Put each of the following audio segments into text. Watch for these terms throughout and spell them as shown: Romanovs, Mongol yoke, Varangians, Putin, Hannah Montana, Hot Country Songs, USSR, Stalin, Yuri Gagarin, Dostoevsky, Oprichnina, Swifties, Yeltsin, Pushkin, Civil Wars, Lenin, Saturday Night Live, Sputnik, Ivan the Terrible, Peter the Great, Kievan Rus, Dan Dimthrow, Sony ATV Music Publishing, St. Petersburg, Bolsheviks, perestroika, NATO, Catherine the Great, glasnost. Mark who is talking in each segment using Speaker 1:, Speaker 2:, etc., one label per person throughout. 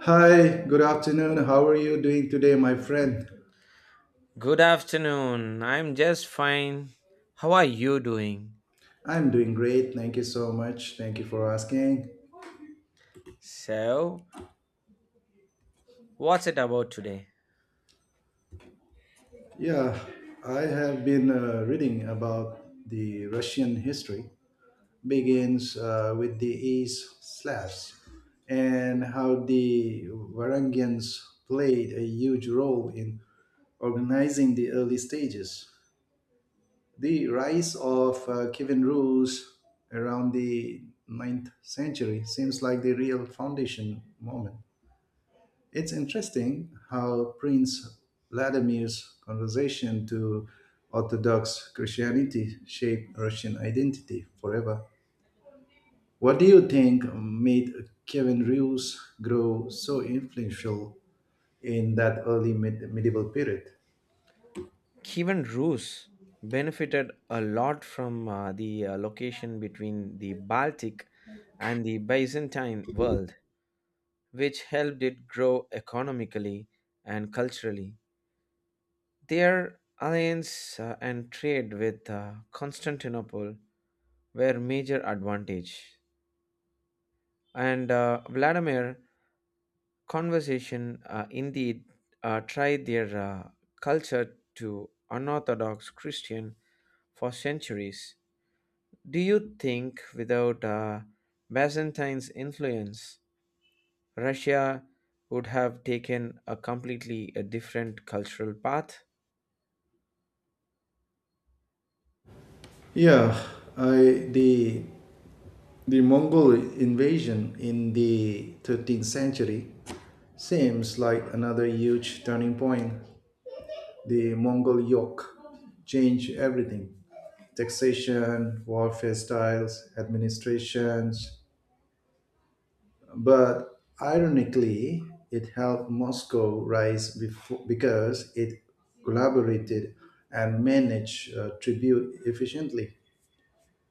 Speaker 1: Hi, good afternoon. How are you doing today, my friend?
Speaker 2: Good afternoon. I'm just fine. How are you doing?
Speaker 1: I'm doing great. Thank you so much. Thank you for asking.
Speaker 2: So, what's it about today?
Speaker 1: Yeah, I have been reading about the Russian history begins with the East Slavs, and how the Varangians played a huge role in organizing the early stages. The rise of Kievan Rus around the ninth century seems like the real foundation moment. It's interesting how Prince Vladimir's conversion to Orthodox Christianity shaped Russian identity forever. What do you think made Kievan Rus grow so influential in that early medieval period?
Speaker 2: Kevin Roos benefited a lot from the location between the Baltic and the Byzantine world, which helped it grow economically and culturally. Their alliance and trade with Constantinople were major advantage, and Vladimir conversation indeed tried their culture to unorthodox Christian for centuries. Do you think without Byzantine's influence, Russia would have taken a completely a different cultural path?
Speaker 1: Yeah, I the Mongol invasion in the 13th century seems like another huge turning point. The Mongol yoke changed everything: taxation, warfare styles, administrations. But ironically, it helped Moscow rise before, because it collaborated and managed tribute efficiently.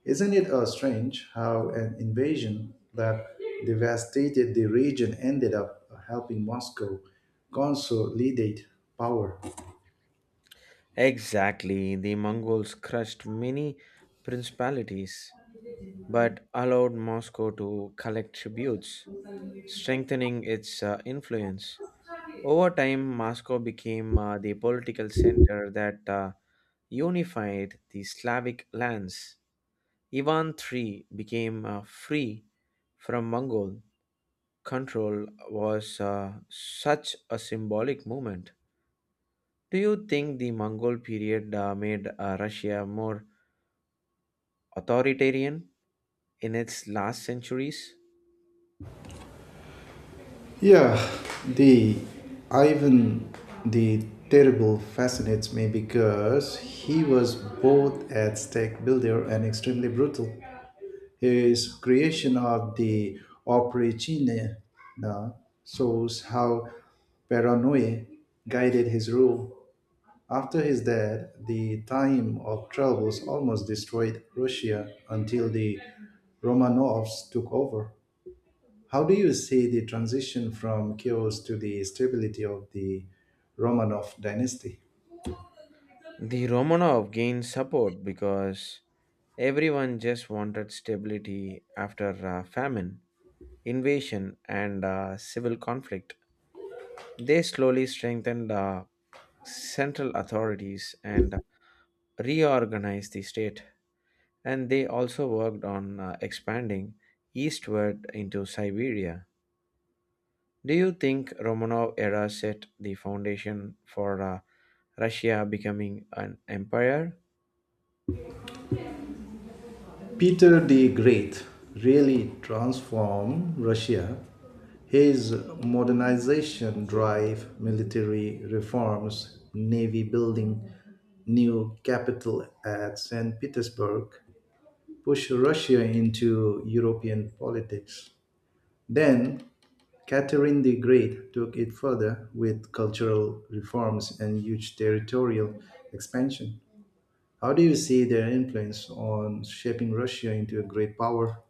Speaker 1: Isn't it strange how an invasion that devastated the region ended up helping Moscow consolidate power?
Speaker 2: Exactly, the Mongols crushed many principalities but allowed Moscow to collect tributes, strengthening its influence. Over time, Moscow became the political center that unified the Slavic lands. Ivan III became free from Mongol control was such a symbolic moment. Do you think the Mongol period made Russia more authoritarian in its last centuries?
Speaker 1: Yeah, the Ivan the Terrible fascinates me because he was both a stake builder and extremely brutal. His creation of the Oprichnina shows how paranoia guided his rule. After his death, the time of travels almost destroyed Russia until the Romanovs took over. How do you see the transition from chaos to the stability of the Romanov dynasty?
Speaker 2: The Romanov gained support because everyone just wanted stability after famine. Invasion, and civil conflict. They slowly strengthened central authorities and reorganized the state. And they also worked on expanding eastward into Siberia. Do you think Romanov era set the foundation for Russia becoming an empire?
Speaker 1: Peter the Great really transformed Russia. His modernization drive, military reforms, navy building, new capital at St. Petersburg, pushed Russia into European politics. Then, Catherine the Great took it further with cultural reforms and huge territorial expansion. How do you see their influence on shaping Russia into a great power?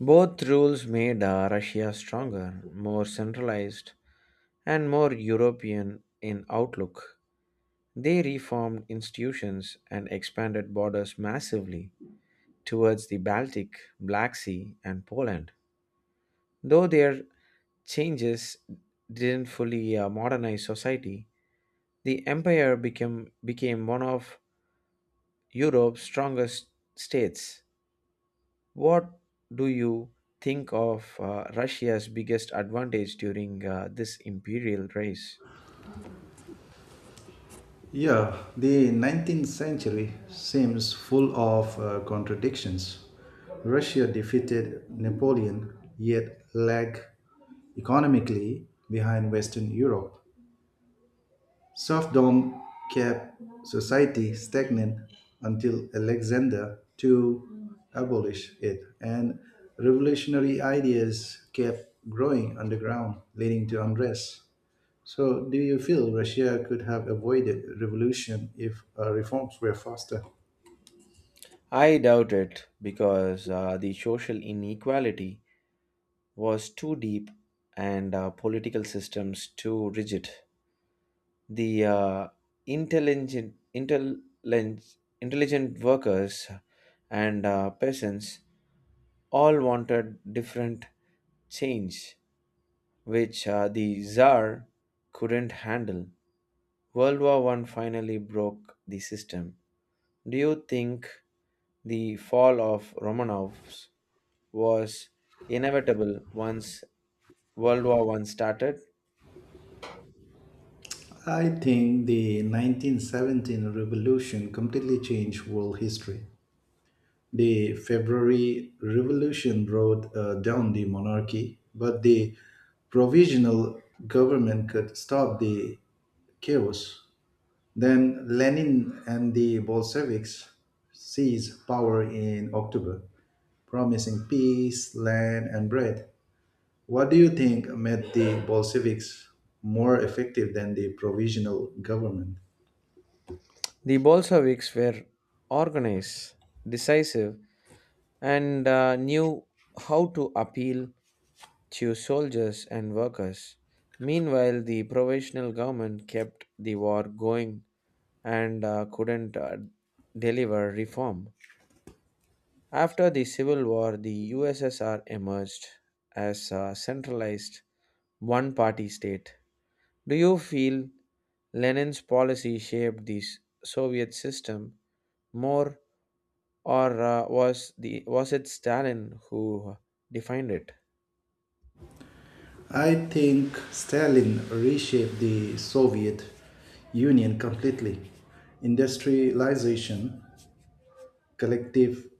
Speaker 2: Both rules made Russia stronger, more centralized, and more European in outlook. They reformed institutions and expanded borders massively towards the Baltic, Black Sea, and Poland. Though their changes didn't fully modernize society, the empire became one of Europe's strongest states. What do you think of Russia's biggest advantage during this imperial race?
Speaker 1: Yeah, the 19th century seems full of contradictions. Russia defeated Napoleon, yet lag economically behind Western Europe. Serfdom kept society stagnant until Alexander II abolished it, and revolutionary ideas kept growing underground, leading to unrest. So, do you feel Russia could have avoided revolution if reforms were faster?
Speaker 2: I doubt it because the social inequality was too deep and political systems too rigid. The intelligent, intelligent, intelligent workers and peasants all wanted different change, which the Tsar couldn't handle. World War One finally broke the system. Do you think the fall of Romanovs was inevitable once World War One started?
Speaker 1: I think the 1917 revolution completely changed world history. The February Revolution brought down the monarchy, but the provisional government could stop the chaos. Then Lenin and the Bolsheviks seized power in October, promising peace, land, and bread. What do you think made the Bolsheviks more effective than the provisional government?
Speaker 2: The Bolsheviks were organized, decisive, and knew how to appeal to soldiers and workers. Meanwhile, the provisional government kept the war going and couldn't deliver reform. After the Civil War, the USSR emerged as a centralized one party state. Do you feel Lenin's policy shaped the Soviet system more? Or was it Stalin who defined it?
Speaker 1: I think Stalin reshaped the Soviet Union completely. Industrialization, collectivization,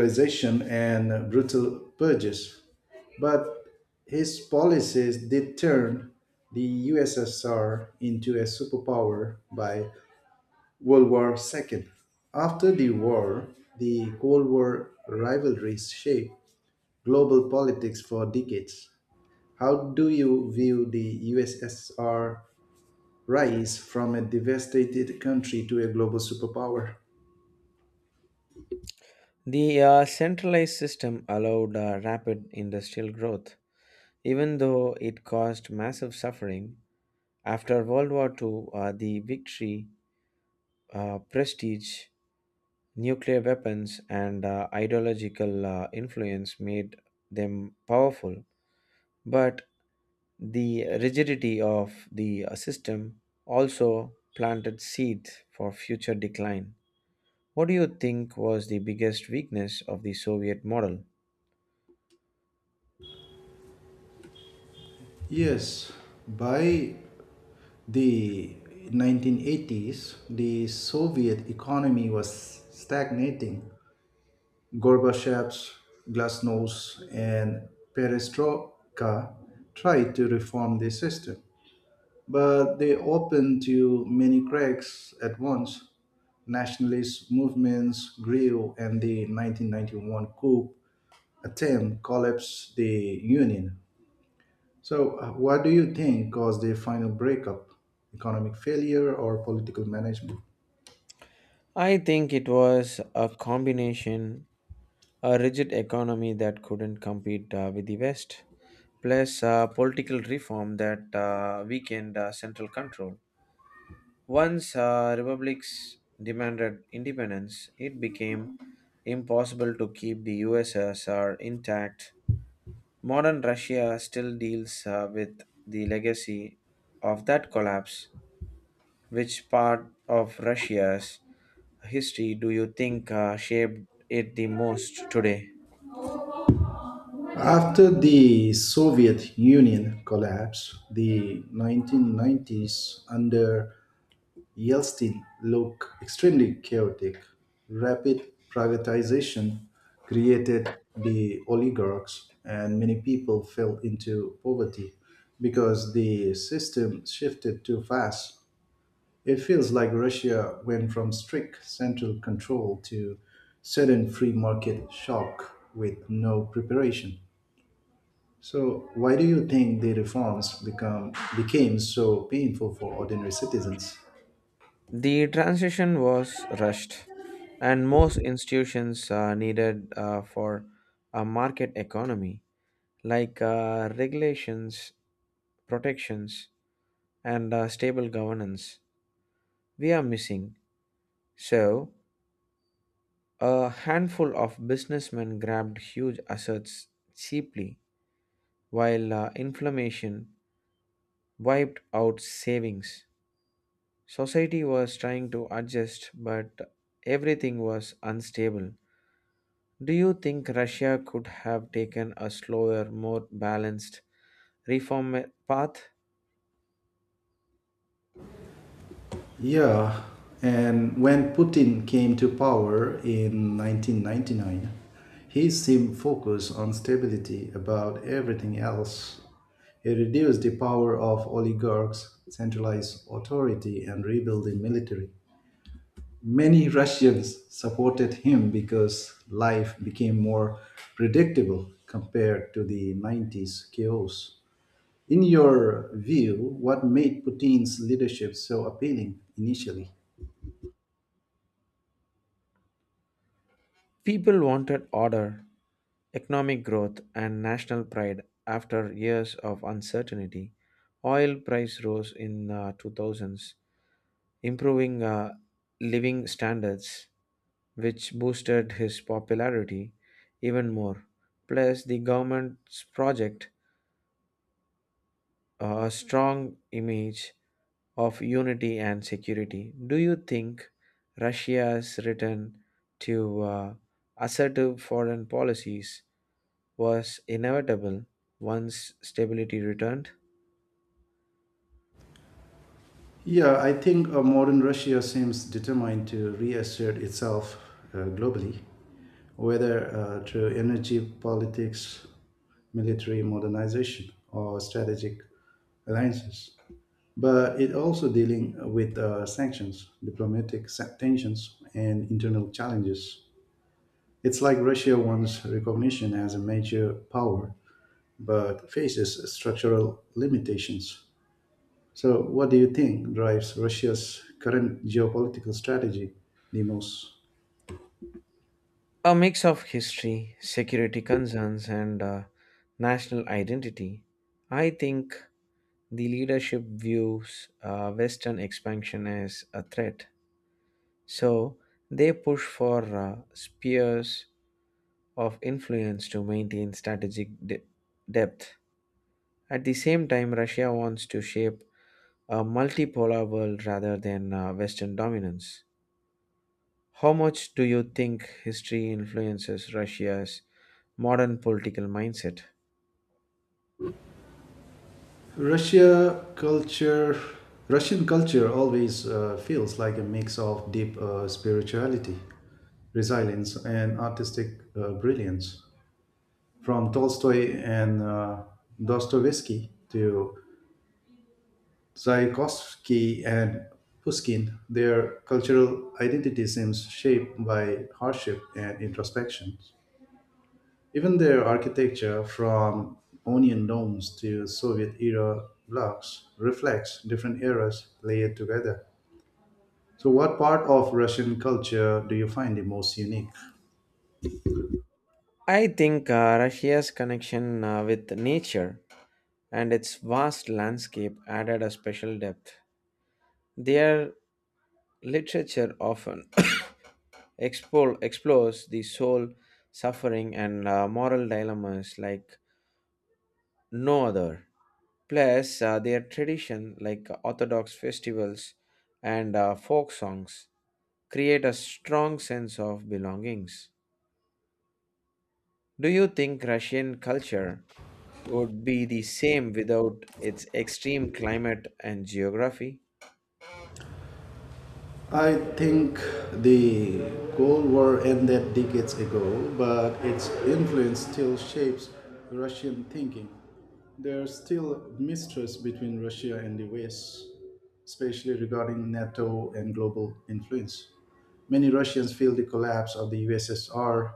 Speaker 1: and brutal purges. But his policies did turn the USSR into a superpower by World War II. After the war, the Cold War rivalries shaped global politics for decades. How do you view the USSR rise from a devastated country to a global superpower?
Speaker 2: The centralized system allowed rapid industrial growth, even though it caused massive suffering. After World War II, the victory, prestige, nuclear weapons, and ideological influence made them powerful. But the rigidity of the system also planted seeds for future decline. What do you think was the biggest weakness of the Soviet model?
Speaker 1: Yes, by the 1980s, the Soviet economy was stagnating. Gorbachev's glasnost and perestroika tried to reform the system, but they opened to many cracks at once. Nationalist movements grew, and the 1991 coup attempt collapsed the union. So, what do you think caused the final breakup? Economic failure or political management?
Speaker 2: I think it was a combination, a rigid economy that couldn't compete with the West, plus political reform that weakened central control. Once republics demanded independence, it became impossible to keep the USSR intact. Modern Russia still deals with the legacy of that collapse. Which part of Russia's history do you think shaped it the most today?
Speaker 1: After the Soviet Union collapse, the 1990s under Yeltsin looked extremely chaotic. Rapid privatization created the oligarchs, and many people fell into poverty because the system shifted too fast. It feels like Russia went from strict central control to sudden free market shock with no preparation. So, why do you think the reforms become became so painful for ordinary citizens?
Speaker 2: The transition was rushed, and most institutions needed for a market economy, like regulations, protections, and stable governance, we are missing. So, a handful of businessmen grabbed huge assets cheaply, while inflammation wiped out savings. Society was trying to adjust, but everything was unstable. Do you think Russia could have taken a slower, more balanced reform path?
Speaker 1: Yeah, and when Putin came to power in 1999, he seemed focused on stability above everything else. He reduced the power of oligarchs, centralized authority, and rebuilt the military. Many Russians supported him because life became more predictable compared to the 90s chaos. In your view, what made Putin's leadership so appealing initially?
Speaker 2: People wanted order, economic growth, and national pride after years of uncertainty. Oil price rose in 2000s, improving living standards, which boosted his popularity even more. Plus, the government's project a strong image of unity and security. Do you think Russia's return to assertive foreign policies was inevitable once stability returned?
Speaker 1: Yeah, I think modern Russia seems determined to reassert itself globally, whether through energy politics, military modernization, or strategic alliances. But it also dealing with sanctions, diplomatic tensions, and internal challenges. It's like Russia wants recognition as a major power, but faces structural limitations. So, what do you think drives Russia's current geopolitical strategy the most?
Speaker 2: A mix of history, security concerns, and national identity. I think the leadership views Western expansion as a threat, so they push for spheres of influence to maintain strategic depth. At the same time, Russia wants to shape a multipolar world rather than Western dominance. How much do you think history influences Russia's modern political mindset?
Speaker 1: Russia culture, Russian culture always feels like a mix of deep spirituality, resilience, and artistic brilliance. From Tolstoy and Dostoevsky to Tchaikovsky and Pushkin, their cultural identity seems shaped by hardship and introspection. Even their architecture, from onion domes to Soviet era blocks, reflects different eras layered together. So, what part of Russian culture do you find the most unique?
Speaker 2: I think Russia's connection with nature and its vast landscape added a special depth. Their literature often explores the soul, suffering, and moral dilemmas like no other. Plus, their tradition, like Orthodox festivals and folk songs, create a strong sense of belongings. Do you think Russian culture would be the same without its extreme climate and geography?
Speaker 1: I think the Cold War ended decades ago, but its influence still shapes Russian thinking. There's still mistrust between Russia and the West, especially regarding NATO and global influence. Many Russians feel the collapse of the USSR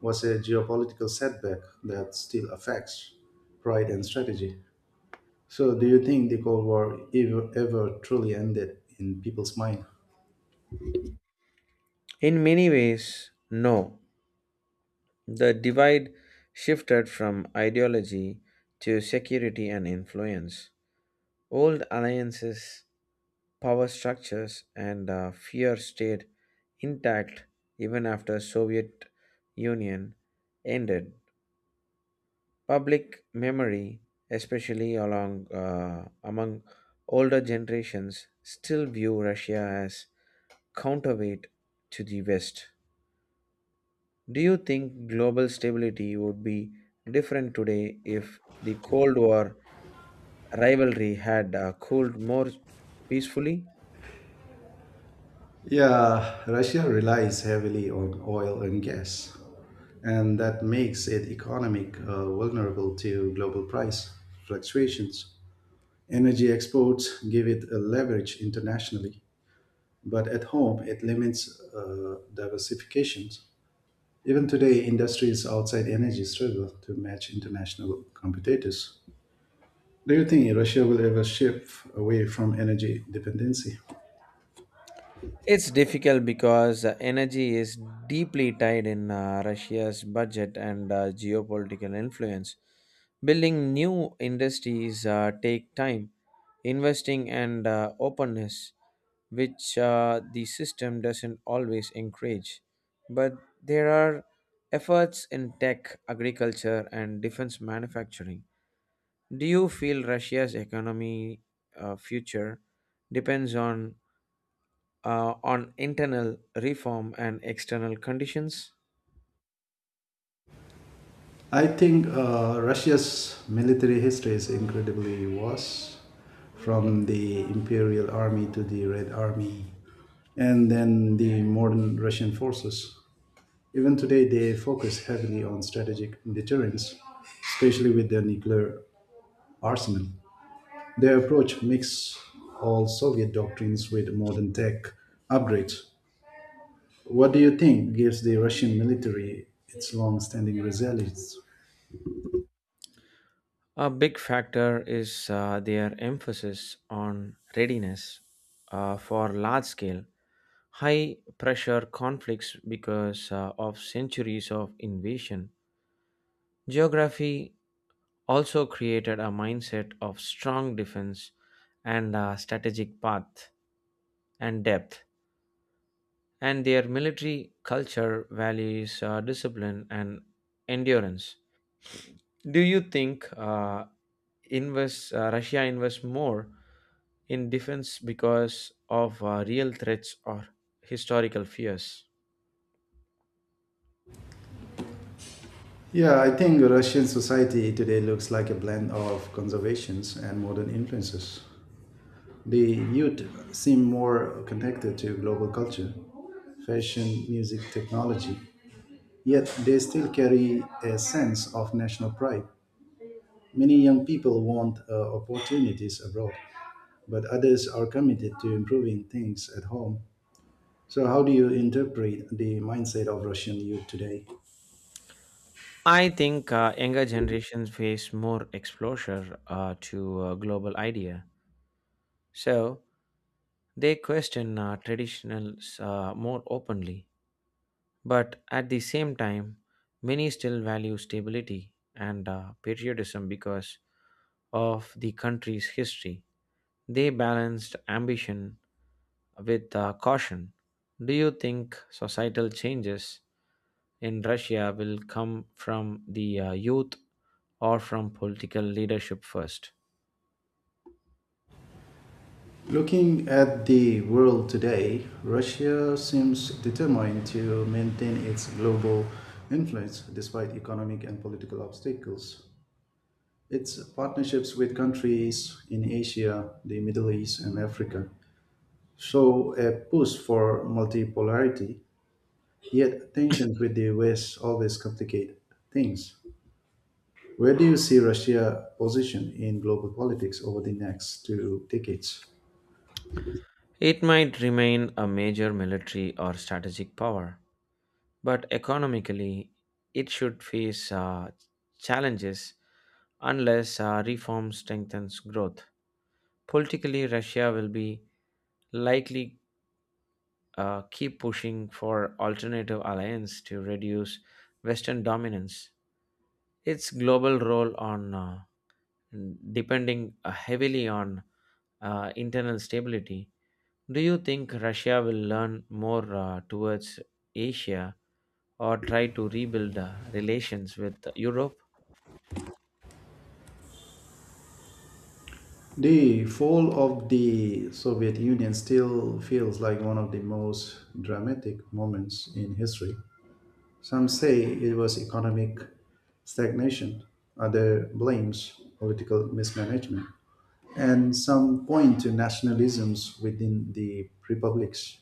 Speaker 1: was a geopolitical setback that still affects pride and strategy. So, do you think the Cold War ever truly ended in people's mind?
Speaker 2: In many ways, no. The divide shifted from ideology to security and influence. Old alliances, power structures, and fear stayed intact even after Soviet Union ended. Public memory, especially along among older generations, still view Russia as counterweight to the West. Do you think global stability would be different today if the Cold War rivalry had cooled more peacefully?
Speaker 1: Yeah, Russia relies heavily on oil and gas, and that makes it economic vulnerable to global price fluctuations. Energy exports give it a leverage internationally, but at home it limits diversifications. Even today, industries outside energy struggle to match international competitors. Do you think Russia will ever shift away from energy dependency?
Speaker 2: It's difficult because energy is deeply tied in Russia's budget and geopolitical influence. Building new industries take time, investing and openness, which the system doesn't always encourage. But there are efforts in tech, agriculture, and defense manufacturing. Do you feel Russia's economy future depends on on internal reform and external conditions?
Speaker 1: I think Russia's military history is incredibly vast, from the Imperial Army to the Red Army, and then the modern Russian forces. Even today, they focus heavily on strategic deterrence, especially with their nuclear arsenal. Their approach mixes all Soviet doctrines with modern tech upgrades. What do you think gives the Russian military its long standing resilience?
Speaker 2: A big factor is their emphasis on readiness for large scale, high pressure conflicts because of centuries of invasion. Geography also created a mindset of strong defense and a strategic path and depth, and their military culture values discipline and endurance. Do you think invest Russia invests more in defense because of real threats or historical fears?
Speaker 1: Yeah, I think Russian society today looks like a blend of conservations and modern influences. The youth seem more connected to global culture, fashion, music, technology, yet they still carry a sense of national pride. Many young people want opportunities abroad, but others are committed to improving things at home. So, how do you interpret the mindset of Russian youth today?
Speaker 2: I think younger generations face more exposure to global idea. So they question traditionals more openly, but at the same time, many still value stability and patriotism because of the country's history. They balanced ambition with caution. Do you think societal changes in Russia will come from the youth or from political leadership first?
Speaker 1: Looking at the world today, Russia seems determined to maintain its global influence despite economic and political obstacles. Its partnerships with countries in Asia, the Middle East, and Africa show a push for multipolarity, yet tensions with the West always complicate things. Where do you see Russia positioned in global politics over the next two decades?
Speaker 2: It might remain a major military or strategic power, but economically it should face challenges unless reform strengthens growth. Politically, Russia will be likely keep pushing for alternative alliance to reduce Western dominance. Its global role on depending heavily on internal stability. Do you think Russia will learn more towards Asia or try to rebuild relations with Europe?
Speaker 1: The fall of the Soviet Union still feels like one of the most dramatic moments in history. Some say it was economic stagnation, others blames political mismanagement, and some point to nationalisms within the republics.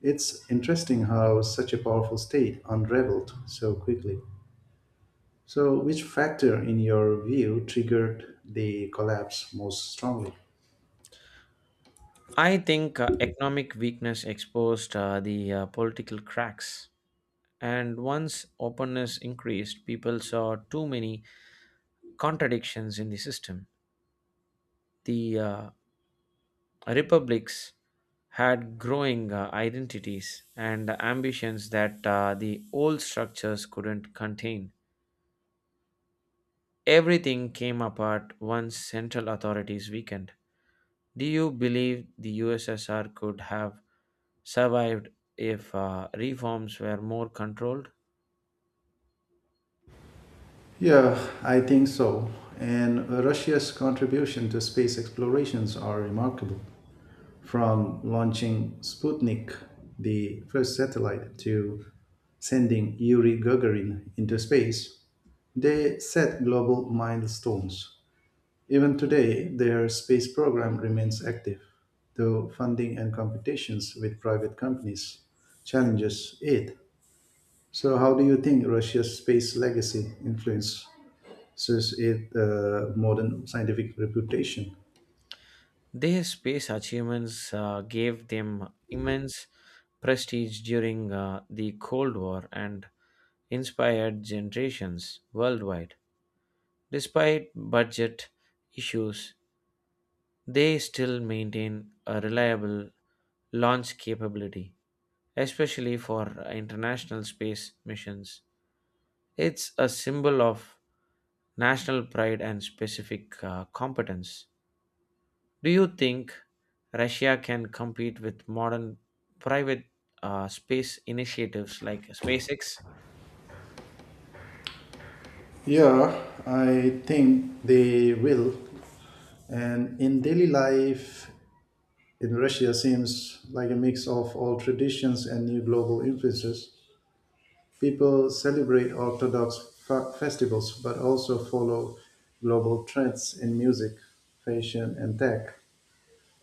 Speaker 1: It's interesting how such a powerful state unraveled so quickly. So, which factor, in your view, triggered the collapse most strongly?
Speaker 2: I think economic weakness exposed the political cracks. And once openness increased, people saw too many contradictions in the system. The republics had growing identities and ambitions that the old structures couldn't contain. Everything came apart once central authorities weakened. Do you believe the USSR could have survived if reforms were more controlled?
Speaker 1: Yeah, I think so. And Russia's contribution to space explorations are remarkable. From launching Sputnik, the first satellite, to sending Yuri Gagarin into space, they set global milestones. Even today, their space program remains active, though funding and competitions with private companies challenges it. So, how do you think Russia's space legacy influences such is the modern scientific reputation.
Speaker 2: Their space achievements gave them immense prestige during the Cold War and inspired generations worldwide. Despite budget issues, they still maintain a reliable launch capability, especially for international space missions. It's a symbol of national pride and specific competence. Do you think Russia can compete with modern private space initiatives like SpaceX?
Speaker 1: Yeah, I think they will, and in daily life in Russia seems like a mix of old traditions and new global influences. People celebrate Orthodox festivals but also follow global trends in music, fashion, and tech.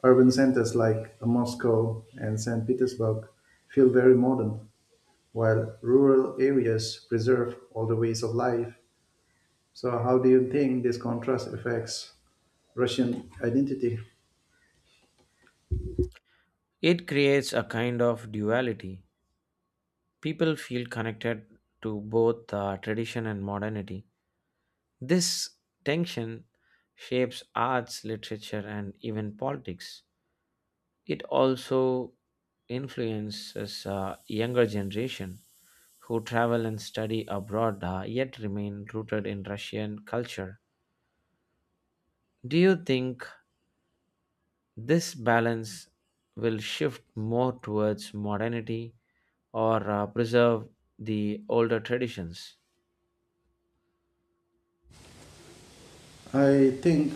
Speaker 1: Urban centers like Moscow and St. Petersburg feel very modern, while rural areas preserve older ways of life. So, how do you think this contrast affects Russian identity?
Speaker 2: It creates a kind of duality. People feel connected to both tradition and modernity. This tension shapes arts, literature, and even politics. It also influences younger generation who travel and study abroad yet remain rooted in Russian culture. Do you think this balance will shift more towards modernity or preserve the older traditions?
Speaker 1: I think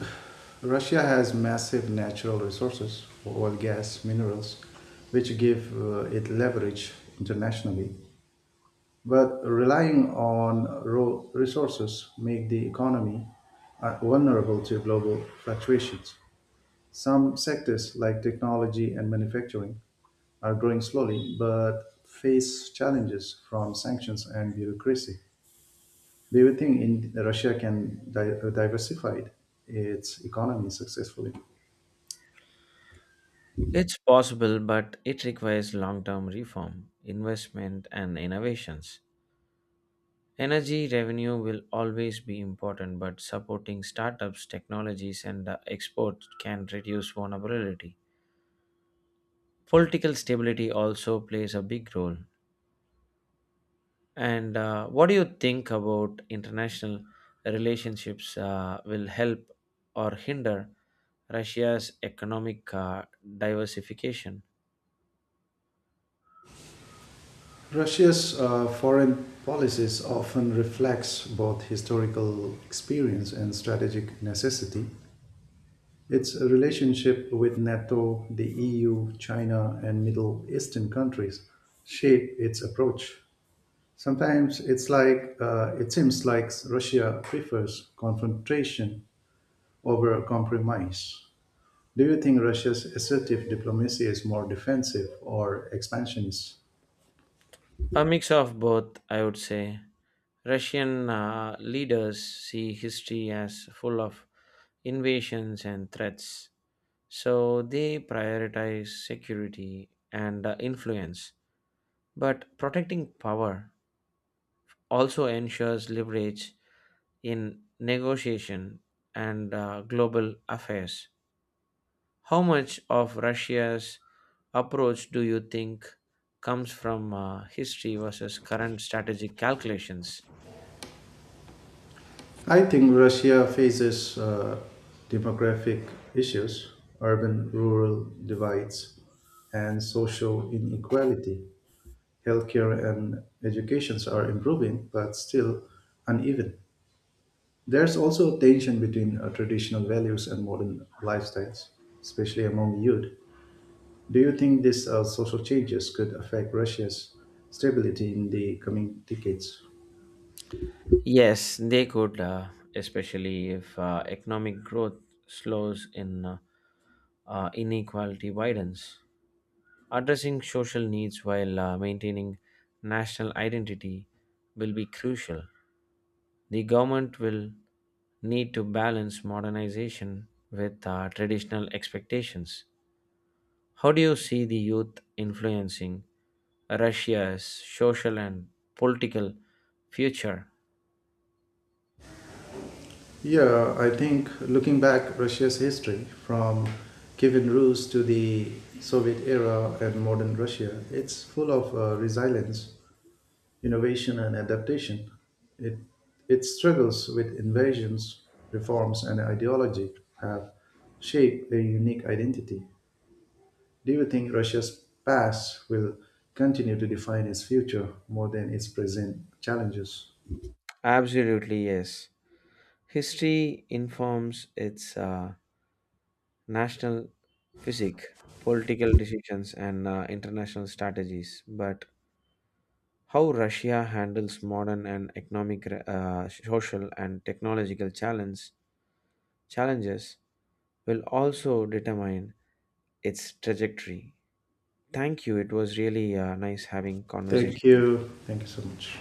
Speaker 1: Russia has massive natural resources, oil, gas, minerals, which give it leverage internationally. But relying on raw resources make the economy vulnerable to global fluctuations. Some sectors, like technology and manufacturing, are growing slowly but face challenges from sanctions and bureaucracy. Do you think in Russia can diversify its economy successfully?
Speaker 2: It's possible, but it requires long term reform, investment, and innovations. Energy revenue will always be important, but supporting startups, technologies, and export can reduce vulnerability. Political stability also plays a big role. And what do you think about international relationships will help or hinder Russia's economic diversification?
Speaker 1: Russia's foreign policies often reflects both historical experience and strategic necessity. Its relationship with NATO, the EU, China, and Middle Eastern countries shape its approach. Sometimes it seems like Russia prefers confrontation over compromise. Do you think Russia's assertive diplomacy is more defensive or expansionist?
Speaker 2: A mix of both, I would say. Russian leaders see history as full of invasions and threats, so they prioritize security and influence. But protecting power also ensures leverage in negotiation and global affairs. How much of Russia's approach do you think comes from history versus current strategic calculations?
Speaker 1: I think Russia faces demographic issues, urban rural divides, and social inequality. Healthcare and educations are improving, but still uneven. There's also a tension between traditional values and modern lifestyles, especially among youth. Do you think these social changes could affect Russia's stability in the coming decades?
Speaker 2: Yes, they could, especially if economic growth slows in inequality widens. Addressing social needs while maintaining national identity will be crucial. The government will need to balance modernization with traditional expectations. How do you see the youth influencing Russia's social and political future?
Speaker 1: Yeah, I think looking back Russia's history from Kievan Rus to the Soviet era and modern Russia, it's full of resilience, innovation and adaptation. It, it struggles with invasions, reforms, and ideology have shaped a unique identity. Do you think Russia's past will continue to define its future more than its present challenges?
Speaker 2: Absolutely, yes. History informs its national physique, political decisions, and international strategies. But how Russia handles modern and economic, social, and technological challenges will also determine its trajectory. Thank you. It was really nice having conversation
Speaker 1: Thank
Speaker 2: with you.
Speaker 1: you. Thank you so much.